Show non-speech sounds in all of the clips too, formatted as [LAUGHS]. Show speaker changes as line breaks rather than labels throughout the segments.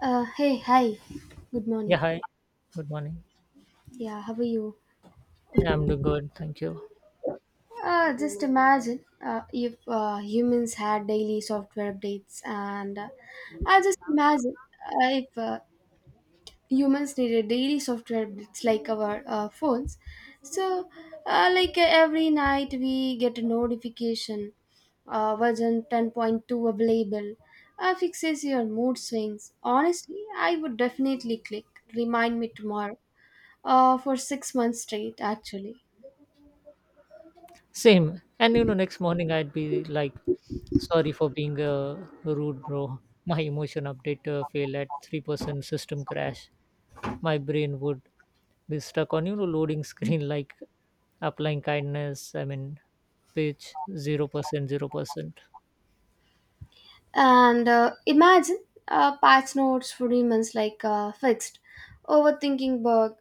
Hey, hi. Good
Yeah,
morning.
hi. Good morning.
Yeah, how are you?
Yeah, I'm doing good. Thank you.
Just imagine if humans had daily software updates, and I just imagine if humans needed daily software updates like our phones. So, like every night we get a notification, version 10.2 available, fixes your mood swings. Honestly, I would definitely click remind me tomorrow for 6 months straight, actually.
Same. And you know, next morning I'd be like, sorry for being rude, bro. My emotion update failed at 3% system crash. My brain would be stuck on, you know, loading screen [LAUGHS] like applying kindness. I mean, pitch 0%, 0%.
And imagine patch notes for demons like fixed, overthinking bug,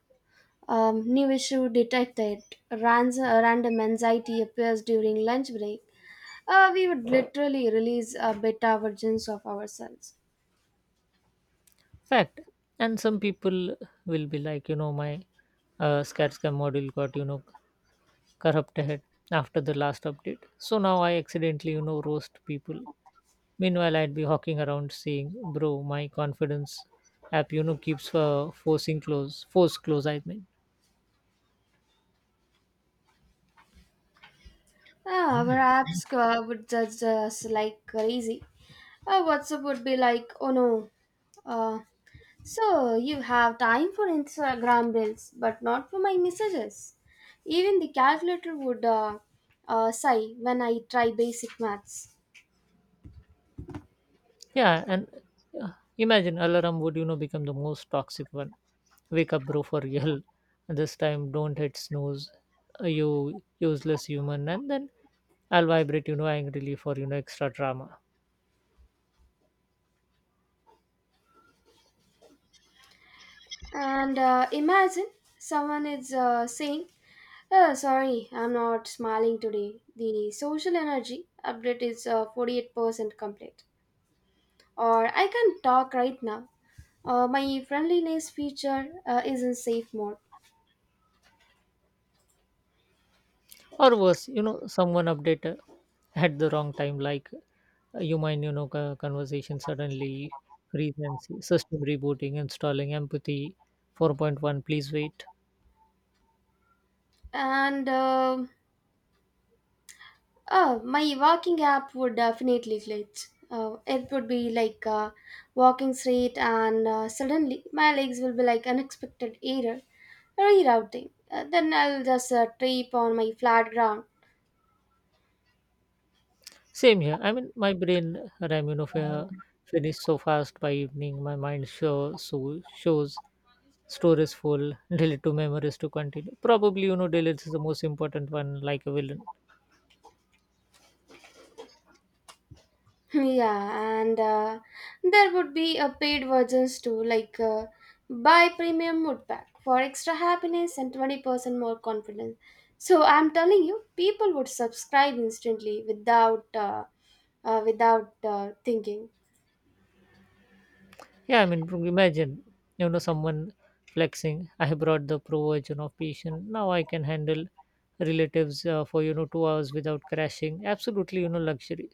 new issue detected, random anxiety appears during lunch break. We would literally release beta versions of ourselves.
Fact. And some people will be like, you know, my SCAT scam module got, you know, corrupted after the last update. So now I accidentally, you know, roast people. Meanwhile, I'd be hawking around saying, "Bro, my confidence app, you know, keeps forcing close, force close." I mean,
Our apps would judge us like crazy. WhatsApp would be like, "Oh no, uh, so you have time for Instagram reels, but not for my messages." Even the calculator would sigh when I try basic maths.
yeah, and uh, imagine alarm would, you know, become the most toxic one. Wake up, bro, for real. [LAUGHS] This time, don't hit snooze, you useless human. And then I'll vibrate, you know, angrily for you know extra drama.
And imagine someone is saying, "Oh, sorry, I'm not smiling today. The social energy update is 48% complete." Or, "I can't talk right now. My friendliness feature is in safe mode."
Or worse, you know, someone update at the wrong time, like you mind, you know, conversation suddenly freeze and see system rebooting, installing empathy 4.1, please wait.
And um Oh, my walking app would definitely glitch. It would be like walking straight, and suddenly my legs will be like, "Unexpected error, rerouting." Then I'll just trip on my flat ground.
Same here. I mean my brain RAM, you know, finished so fast. By evening my mind show, so shows store is full. [LAUGHS] Delete to memories to continue. Probably, you know, delete is the most important one, like a villain.
[LAUGHS] Yeah, and there would be a paid versions too, like buy premium mood pack for extra happiness and 20% more confidence. So I'm telling you, people would subscribe instantly without without thinking.
Yeah, I mean, imagine, you know, someone flexing. I brought the pro version of patient. Now I can handle relatives for, you know, 2 hours without crashing. Absolutely, you know, luxury.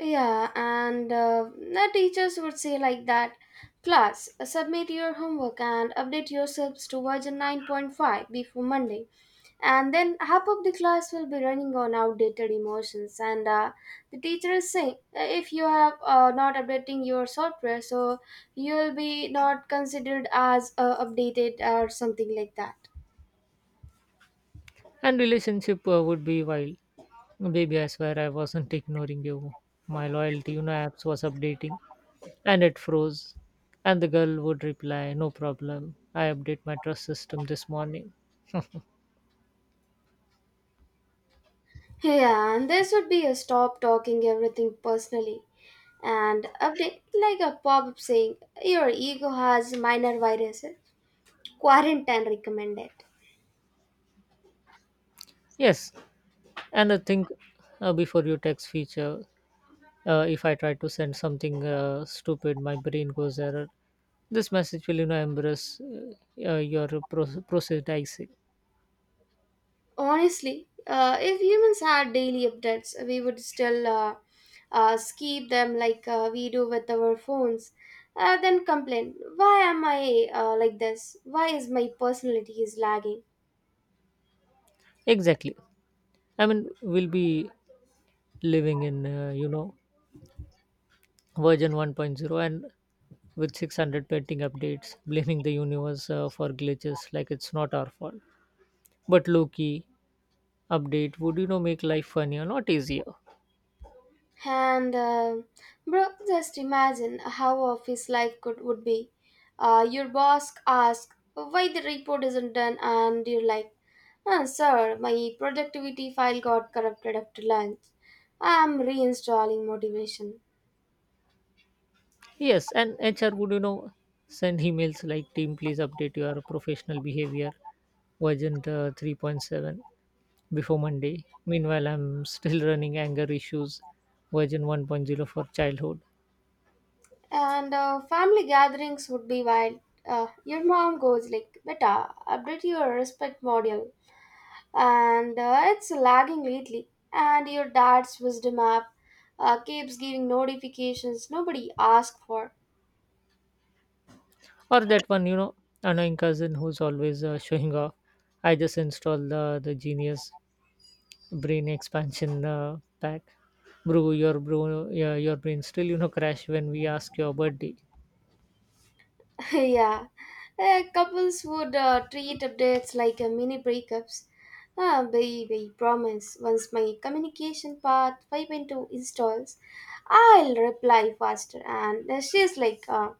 Yeah, and the teachers would say like that, "Class, submit your homework and update yourselves to version 9.5 before Monday." And then half of the class will be running on outdated emotions. And the teacher is saying, If you are not updating your software, so you'll be not considered as updated or something like that."
And relationship would be wild. Baby, I swear I wasn't ignoring you. My loyalty, you know, apps was updating and it froze. And the girl would reply, no problem. I update my trust system this morning.
Yeah, and this would be a stop talking everything personally, and update like a pop-up saying, "Your ego has minor viruses, quarantine recommended."
Yes. And I think before you text feature, if I try to send something stupid, my brain goes error, this message will, you know, embrace your process dicing.
Honestly, if humans had daily updates, we would still skip them like we do with our phones, then complain, "Why am I like this? Why is my personality is lagging?"
Exactly. I mean, we'll be living in, you know, version one point zero and with 600 pending updates, blaming the universe for glitches, like it's not our fault, but low key update would, you know, make life funnier, not easier.
And bro, just imagine how office life could would be. Your boss asks why the report isn't done, and you're like, Sir, my productivity file got corrupted after lunch. I'm reinstalling motivation."
Yes, and HR would, you know, send emails like, team, please update your professional behavior version 3.7 before Monday. Meanwhile, I'm still running anger issues version 1.0 for childhood.
And family gatherings would be wild. Uh, your mom goes like, "Beta, update your respect module," and it's lagging lately. And your dad's wisdom app keeps giving notifications nobody asked for.
Or that one, you know, annoying cousin who's always showing off. I just installed the genius brain expansion pack. Bro, your brain still, you know, crash when we ask your birthday.
[LAUGHS] Yeah. Couples would treat updates like a mini breakups. "Ah, baby, promise. Once my communication path 5.2 installs, I'll reply faster." And she's like,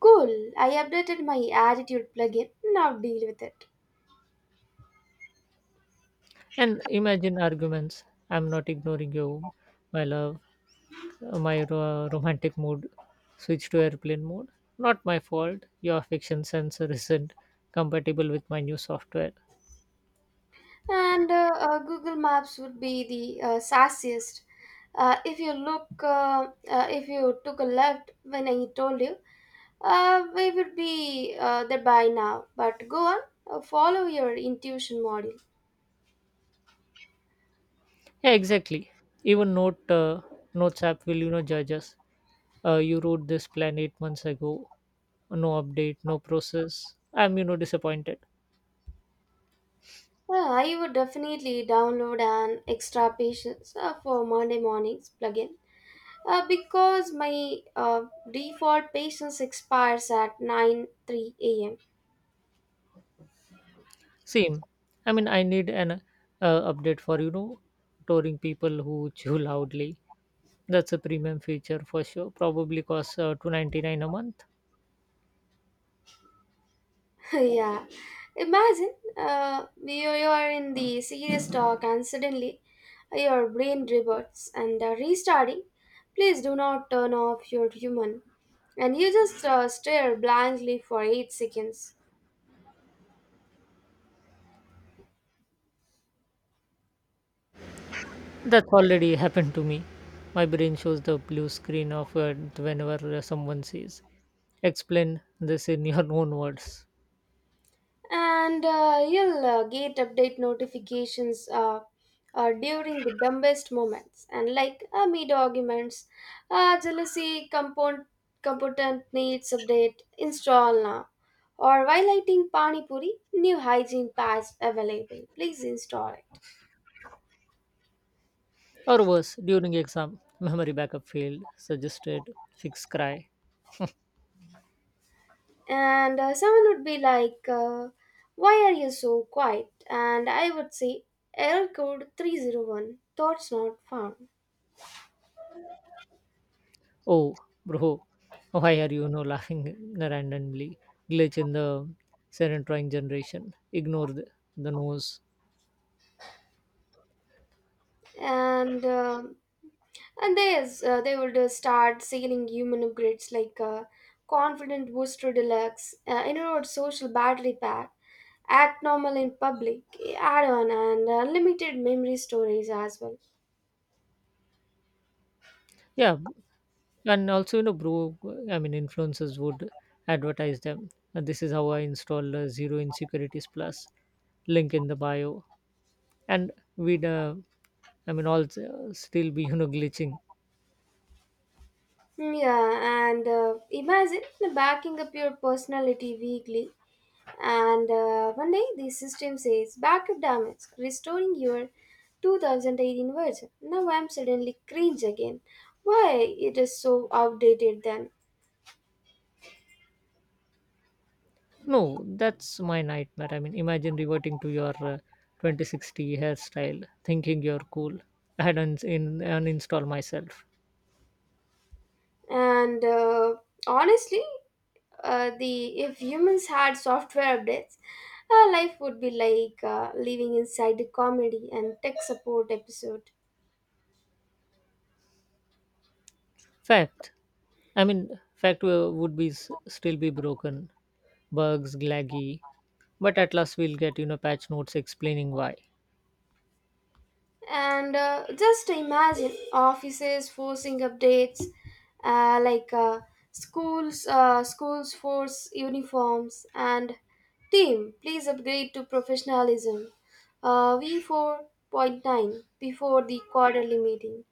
Cool, I updated my attitude plugin, now deal with it."
And imagine arguments. I'm not ignoring you, my love. My romantic mood switched to airplane mode. Not my fault. Your fiction sensor isn't compatible with my new software.
And Google Maps would be the sassiest. If you look, if you took a left when I told you, we would be there by now. But go on, follow your intuition module."
Yeah, exactly. Even Notes app will, you know, judge us. You wrote this plan 8 months ago. No update, no process. I'm, you know, disappointed.
Well, I would definitely download an extra patience for Monday mornings plugin because my default patience expires at 9 3 a.m.
Same. I mean, I need an update for, you know, touring people who chew loudly. That's a premium feature for sure. Probably costs 299 a month.
[LAUGHS] Yeah. Imagine you are in the serious talk and suddenly your brain reverts and restarting. "Please do not turn off your human." And you just stare blankly for 8 seconds.
That's already happened to me. My brain shows the blue screen of whenever someone says, "Explain this in your [LAUGHS] own words."
And you'll get update notifications during the dumbest moments, and like mid arguments, "Jealousy component needs update, install now," or while eating pani puri, "New hygiene patch available, please install it."
Or worse, during exam, memory backup failed. Suggested fix, cry.
And someone would be like, Why are you so quiet?" And I would say, "Error code 301, thoughts not found."
Oh, bro, why are you no laughing randomly? Glitch in the serendipity generation. Ignore the nose.
and um and there's they would start selling human upgrades like confident booster deluxe, inward social battery pack, act normal in public add-on, and unlimited memory storage as well.
Yeah, and also, you know, bro, I mean, influencers would advertise them. This is how I installed zero insecurities plus link in the bio. And we'd I mean all still be, you know, glitching.
Yeah, and imagine backing up your personality weekly. And one day the system says, "Backup damage, restoring your 2018 version." Now I'm suddenly cringe again. Why it is so outdated then?
No, that's my nightmare. I mean, imagine reverting to your 2060 hairstyle, thinking you're cool. I had uninstall myself.
And honestly, the if humans had software updates, our life would be like living inside a comedy and tech support episode.
Fact. I mean, fact would still be broken, bugs, glaggy, but at last we'll get, you know, patch notes explaining why.
And just imagine offices forcing updates, like schools, schools force uniforms, and, "Team, please upgrade to professionalism. V4.9 before the quarterly meeting."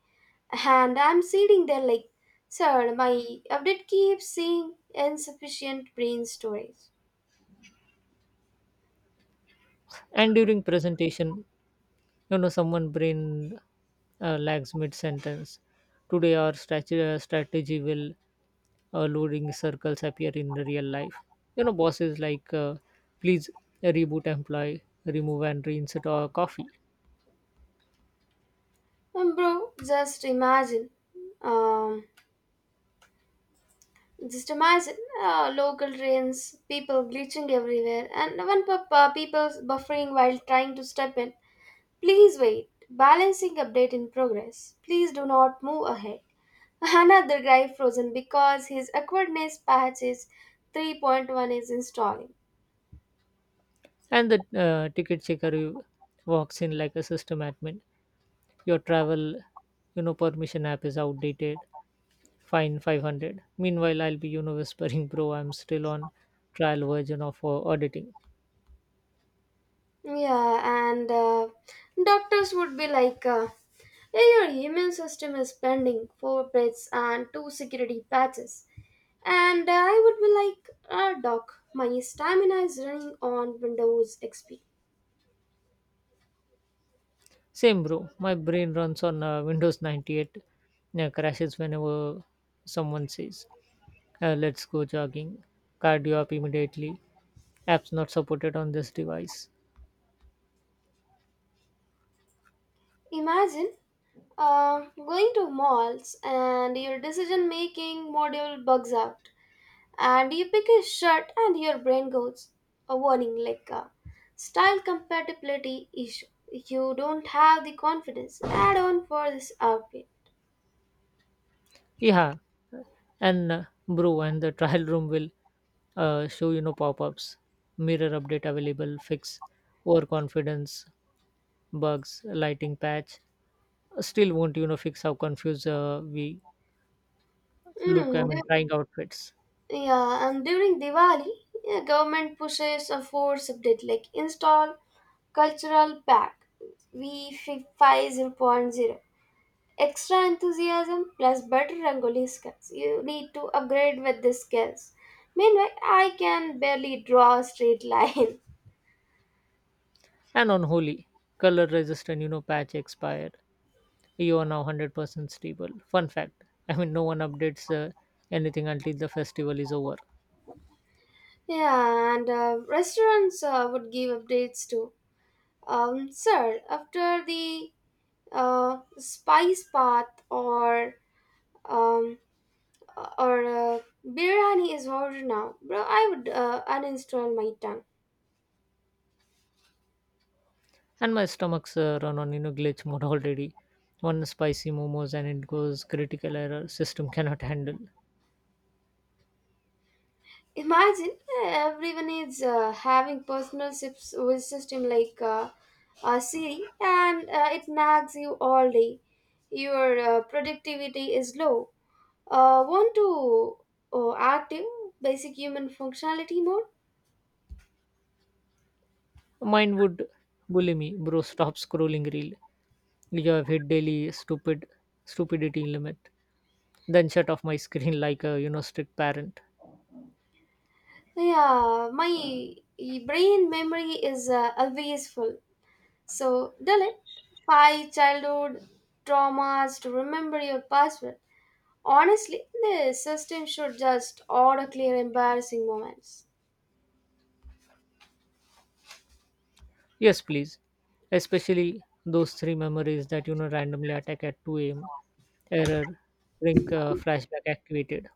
And I'm sitting there like, "Sir, my update keeps saying insufficient brain storage."
And during presentation, you know, someone brain lags mid sentence. Today, our strategy will loading circles appear in the real life. You know, bosses like, please reboot employee, remove and reinsert our coffee.
Bro, just imagine. Um, Just imagine local trains, people glitching everywhere, and people buffering while trying to step in. "Please wait. Balancing update in progress. Please do not move ahead." [LAUGHS] Another guy frozen because his awkwardness patch is 3.1 is installing.
And the ticket checker walks in like a system admin. Your travel, you know, permission app is outdated. Fine 500. Meanwhile, I'll be, you know, whispering, bro, I'm still on trial version of auditing.
Yeah, and doctors would be like, Yeah, your immune system is pending four breaths and two security patches." And I would be like, Doc, my stamina is running on Windows XP."
Same, bro. My brain runs on Windows 98. Crashes whenever someone says, let's go jogging. Cardio app immediately, apps not supported on this device.
Imagine going to malls and your decision making module bugs out, and you pick a shirt and your brain goes a warning like a, "Style compatibility issue, you don't have the confidence add on for this outfit."
Yeah, and bro, and the trial room will show, you know, pop-ups, mirror update available, fix overconfidence bugs, lighting patch. Still won't, you know, fix how confused we look. I
Mm,
mean,
du-
trying outfits.
yeah, and during Diwali, yeah, government pushes a force update like, "Install cultural pack v five zero point zero. Extra enthusiasm plus better Rangoli skills." You need to upgrade with the skills. Meanwhile, I can barely draw a straight line. [LAUGHS]
And on holy color resistant, you know, patch expired. You are now 100% stable. Fun fact. I mean, no one updates anything until the festival is over.
Yeah, and restaurants would give updates too. Sir, after the spice bath or um, biryani is ordered now, bro, I would uninstall my tongue."
And my stomach's run on, you know, glitch mode already. One spicy momos and it goes critical error, system cannot handle.
Imagine everyone is having personal sips with system like Siri, and it nags you all day. "Your productivity is low. Want to active basic human functionality mode?"
Mine would bully me, bro. Stop scrolling reel. You have hit daily stupidity limit. Then shut off my [LAUGHS] screen like a, you know, strict parent.
Yeah, my brain memory is always full, so delete five childhood traumas to remember your password. Honestly, the system should just auto clear embarrassing moments.
Yes, please. Especially those three memories that, you know, randomly attack at 2 a.m. Error, ring flashback activated.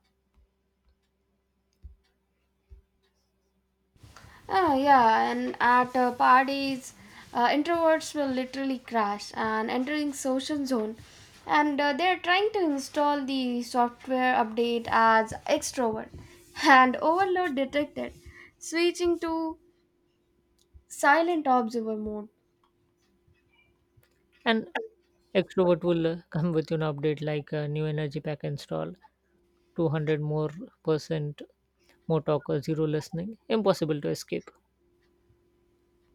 Yeah, and at parties, introverts will literally crash and entering social zone, and they're trying to install the software update as extrovert. [LAUGHS] And overload detected, switching to silent observer mode.
And extrovert will [LAUGHS] come with you an update like a new energy pack install, 200 more percent more talk or zero listening. Impossible to escape.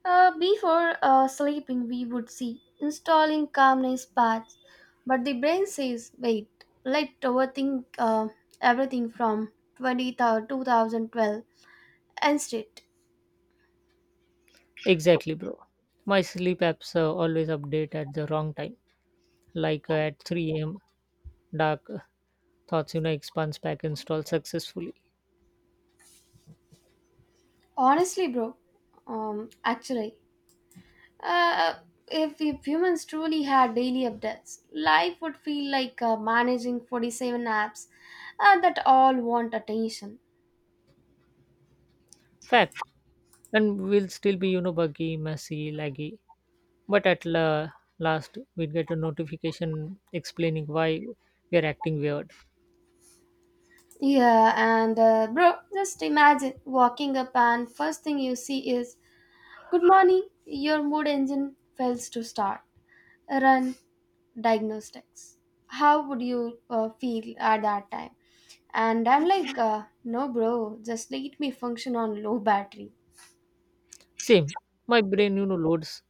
Before sleeping, we would see installing calmness paths, but the brain says, "Wait, let overthink everything from 2012 instead."
Exactly, bro. My sleep apps always update at the wrong time, like at 3 a.m. Dark thoughts, you know, expands pack install successfully.
Honestly, bro, actually, uh, if humans truly had daily updates, life would feel like managing 47 apps that all want attention.
Fact. And we'll still be, you know, buggy, messy, laggy. But at last, we'll get a notification explaining why we are acting weird.
Yeah, and bro, just imagine walking up and first thing you see is, "Good morning, your mood engine fails to start. Run diagnostics. How would you feel at that time?" And I'm like, No, bro, just let me function on low battery."
Same. My brain, you know, loads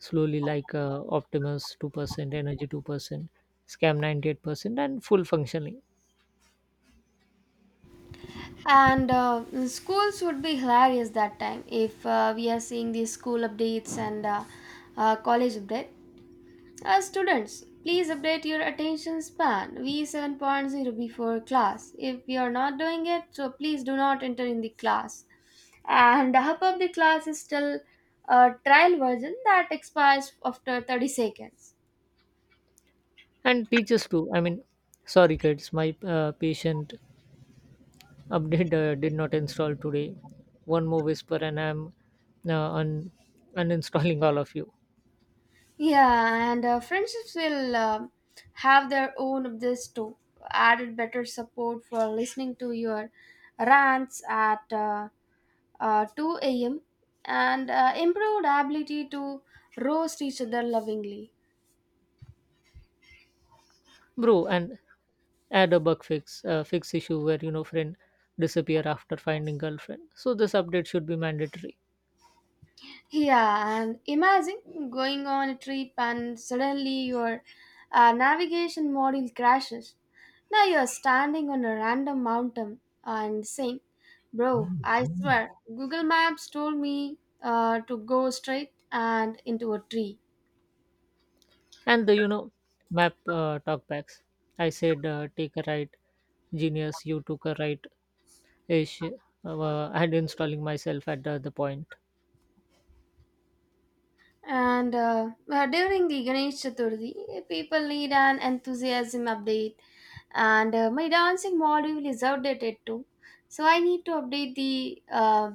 slowly like Optimus 2%, Energy 2%, Scam 98%, and full functioning.
And schools would be hilarious that time if we are seeing these school updates and college update. Students, please update your attention span v seven point zero before class. If you are not doing it, so please do not enter in the class." And the hub of the class is still a trial version that expires after 30 seconds.
And teachers too. I mean, sorry kids, my patient update did not install today. One more whisper and I'm uh, un- uninstalling all of you.
Yeah, and friendships will have their own of this too. "Added better support for listening to your rants at 2 a.m. and improved ability to roast each other lovingly."
Bro, and add a bug fix, fix issue where, you know, friend disappear after finding girlfriend. So this update should be mandatory.
Yeah, and imagine going on a trip and suddenly your navigation module crashes. Now you're standing on a random mountain and saying, "Bro, I swear, Google Maps told me to go straight and into a tree."
And the, you know, map talkbacks, I said take a right, genius. You took a right ish and installing myself at the other point.
And during the Ganesh Chaturthi, people need an enthusiasm update. And my dancing module is outdated too. So I need to update the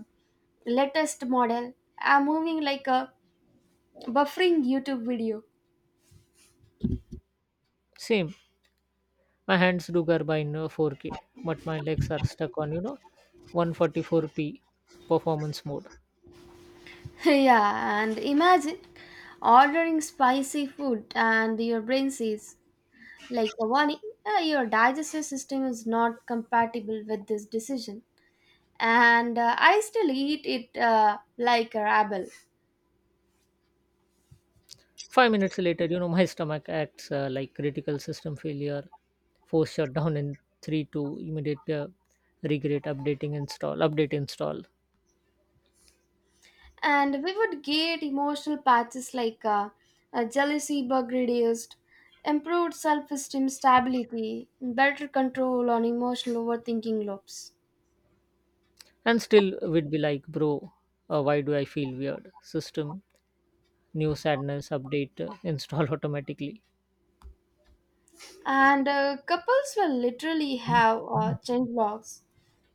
latest model. I'm moving like a buffering YouTube video.
Same. My hands do garbine 4k, but my legs are stuck on, you know, 144p performance mode.
[LAUGHS] Yeah, and imagine ordering spicy food and your brain says, like, "Warning, your digestive system is not compatible with this decision," and I still eat it like a rabble.
5 minutes later, you know, my stomach acts like critical system failure. Force shutdown in 3, two. Immediate regret updating, install update, install.
And we would get emotional patches like jealousy bug reduced, improved self esteem stability, better control on emotional overthinking loops.
And still we'd be like, bro, why do I feel weird? System, new sadness update install [LAUGHS] automatically.
And couples will literally have change logs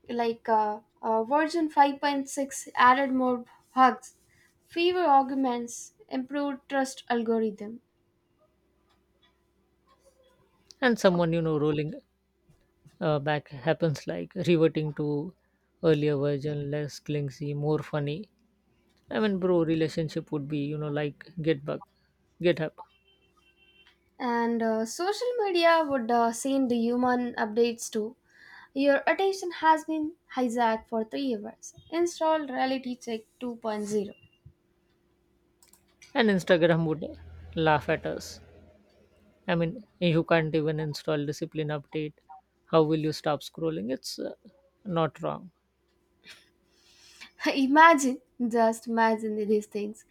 like version 5.6, added more hugs, fewer arguments, improved trust algorithm.
And someone, you know, rolling back happens, like reverting to earlier version, less clingy, more funny. I mean, bro, relationship would be, you know, like get bug, GitHub.
And social media would send the human updates too. "Your attention has been hijacked for 3 hours. Install Reality Check 2.0."
And Instagram would laugh at us. I mean, you can't even install discipline update, how will you stop scrolling? It's not wrong.
[LAUGHS] Imagine, just imagine these things.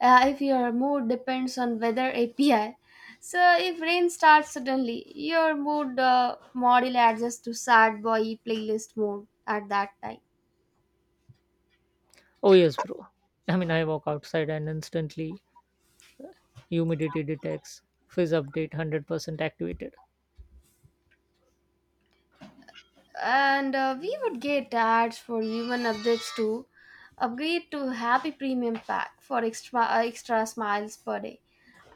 If your mood depends on weather API, so if rain starts suddenly, your mood model adjusts to sad boy playlist mode at that time.
Oh, yes, bro. I mean, I walk outside and instantly humidity detects fizz update 100% activated.
And we would get ads for even updates to, "Upgrade to Happy Premium Pack for extra extra smiles per day,"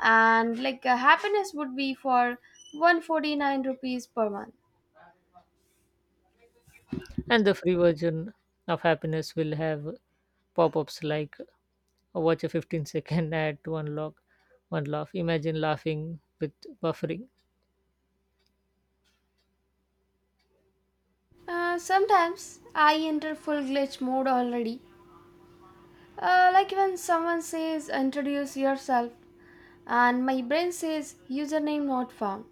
and like happiness would be for 149 rupees per month.
And the free version of happiness will have pop ups like, "Oh, watch a 15-second ad to unlock one laugh." Imagine laughing with buffering.
Sometimes I enter full glitch mode already. Like when someone says introduce yourself, and my brain says username not found.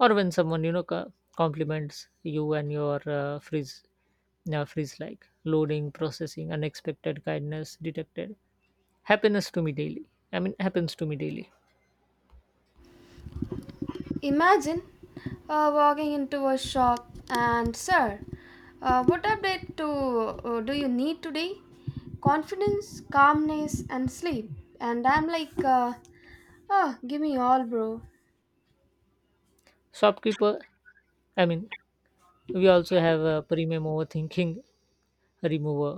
Or when someone, you know, compliments you and your frizz now freeze, like loading, processing, unexpected kindness detected. Happiness to me daily I mean Happens to me daily.
Imagine walking into a shop and, sir, what update to, do you need today? Confidence, calmness, and sleep. And I'm like, oh, give me all, bro.
Shopkeeper, I mean, we also have a premium overthinking remover.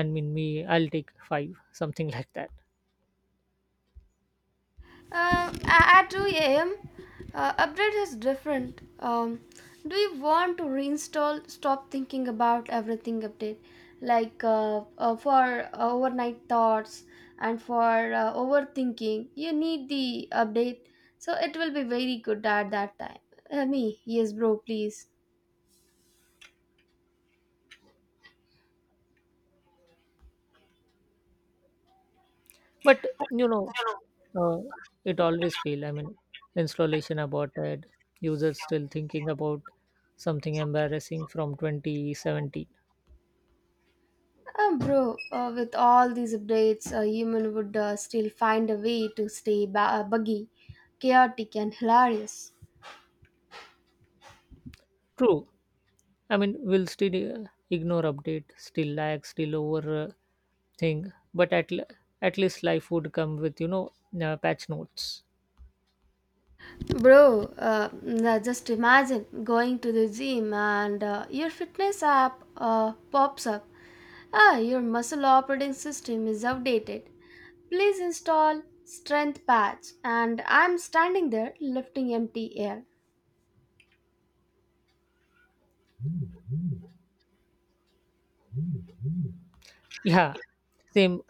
I mean, me, I'll take five, something [LAUGHS] like that.
At 2 a.m., update is different. Do you want to reinstall? Stop thinking about everything update, like for overnight thoughts and for overthinking. You need the update, so it will be very good at that time. Me, yes, bro, please.
But you know, uh, it always fail. I mean, installation aborted. Users still thinking about something embarrassing from 2017.
Bro, with all these updates, a human would still find a way to stay buggy, chaotic, and hilarious.
True. I mean, we'll still ignore update, still lag, still over. Thing, but at least life would come with, you know, patch notes.
Bro, now just imagine going to the gym and your fitness app pops up. Ah, your muscle operating system is outdated. Please install Strength Patch. And I'm standing there lifting empty air.
Yeah, same.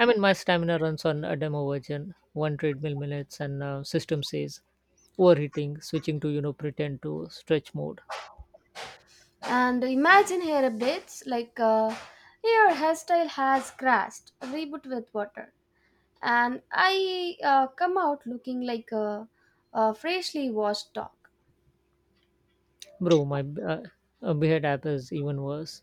I mean, my stamina runs on a demo version, one treadmill minutes, and system says overheating, switching to, you know, pretend to stretch mode.
And imagine hair updates like your hairstyle has crashed, reboot with water. And I come out looking like a freshly washed dog.
Bro, my uh, Behead app is even worse.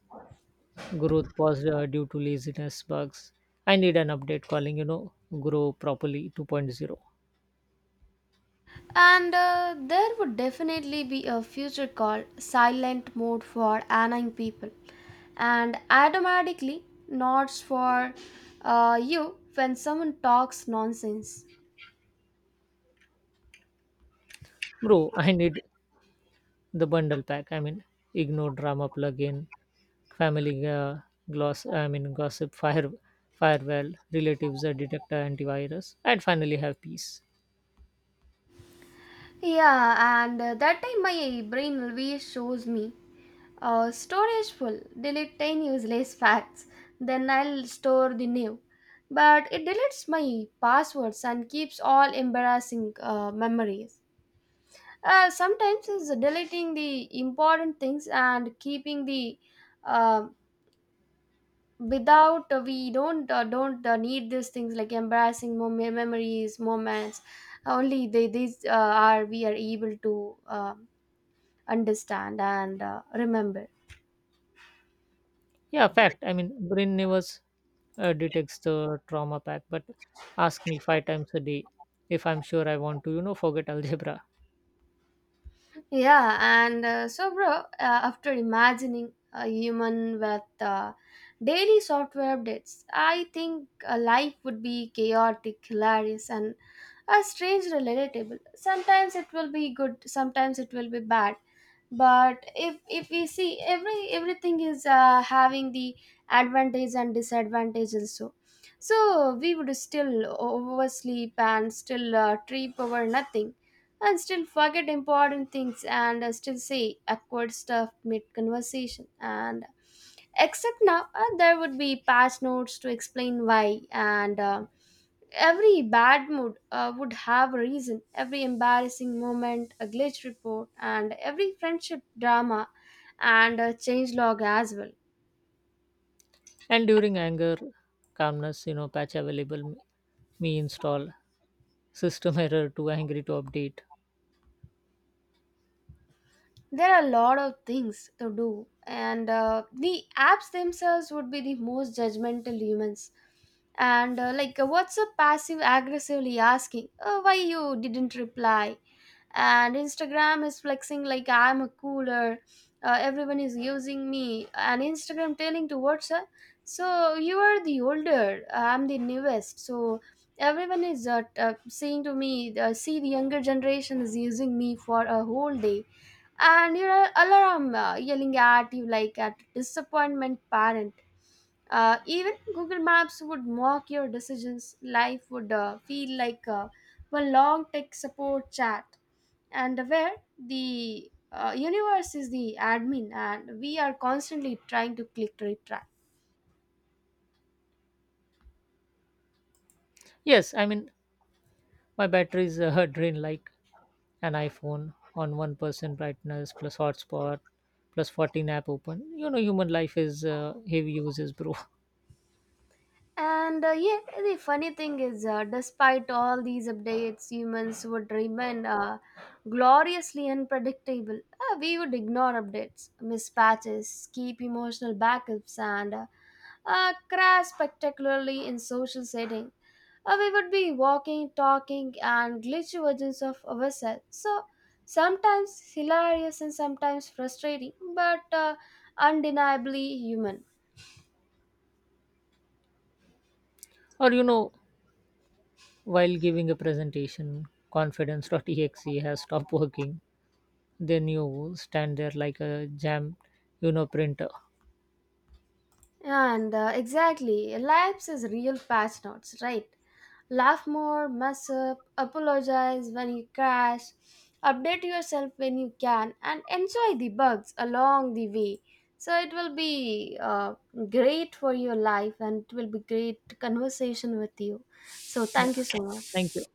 Growth paused due to laziness bugs. I need an update calling, you know, grow properly 2.0.
And there would definitely be a future called silent mode for annoying people, and automatically nods for you when someone talks nonsense.
Bro, I need the bundle pack. I mean, ignore drama plugin, family gloss I mean gossip firewall, relatives A detector antivirus. I'd finally have peace.
Yeah, and that time my brain always shows me storage full, delete 10 useless [LAUGHS] facts, then I'll store the new. But it deletes my passwords and keeps all embarrassing memories. Sometimes it's deleting the important things and keeping the um without we don't need these things like embarrassing memories moments only they these are we are able to understand and remember.
Yeah, fact. I mean, brain never detects the trauma pack, but ask me five times a day if I'm sure I want to, you know, forget algebra.
Yeah, and so bro, after imagining a human with daily software updates, I think life would be chaotic, hilarious and a strange relatable. Sometimes it will be good, sometimes it will be bad, but if we see everything is having the advantage and disadvantage also, so we would still oversleep and still trip over nothing and still forget important things and still say awkward stuff mid conversation, and except now there would be patch notes to explain why. And every bad mood would have a reason, every embarrassing moment, a glitch report, and every friendship drama and a change log as well.
And during anger, calmness, you know, patch available. Me install, system error, too angry to update.
There are a lot of things to do, and the apps themselves would be the most judgmental humans. And like, what's up passive aggressively asking, why you didn't reply? And Instagram is flexing like I'm a cooler, everyone is using me. And Instagram telling to WhatsApp, so you are the older, I'm the newest, so everyone is saying to me, see, the younger generation is using me for a whole day. And your alarm yelling at you like a disappointment parent. Even Google Maps would mock your decisions. Life would feel like one long tech support chat and where the universe is the admin and we are constantly trying to click retract.
Yes, I mean, my batteries [LAUGHS] drain like an iPhone on 1% brightness plus hotspot plus 14 app open. You know, human life is heavy uses, bro. [LAUGHS]
And yeah, the funny thing is, despite all these updates, humans would remain gloriously unpredictable. We would ignore updates, miss patches, keep emotional backups, and crash spectacularly in social setting. We would be walking, talking, and glitchy versions of ourselves. So sometimes hilarious and sometimes frustrating, but undeniably human.
Or you know, while giving a presentation, confidence.exe has stopped working. Then you stand there like a you know, printer.
And exactly, life is real patch notes, right? Laugh more, mess up, apologize when you crash, update yourself when you can, and enjoy the bugs along the way. So it will be great for your life and it will be great conversation with you. So
Yeah,
thank you so much.
thank you.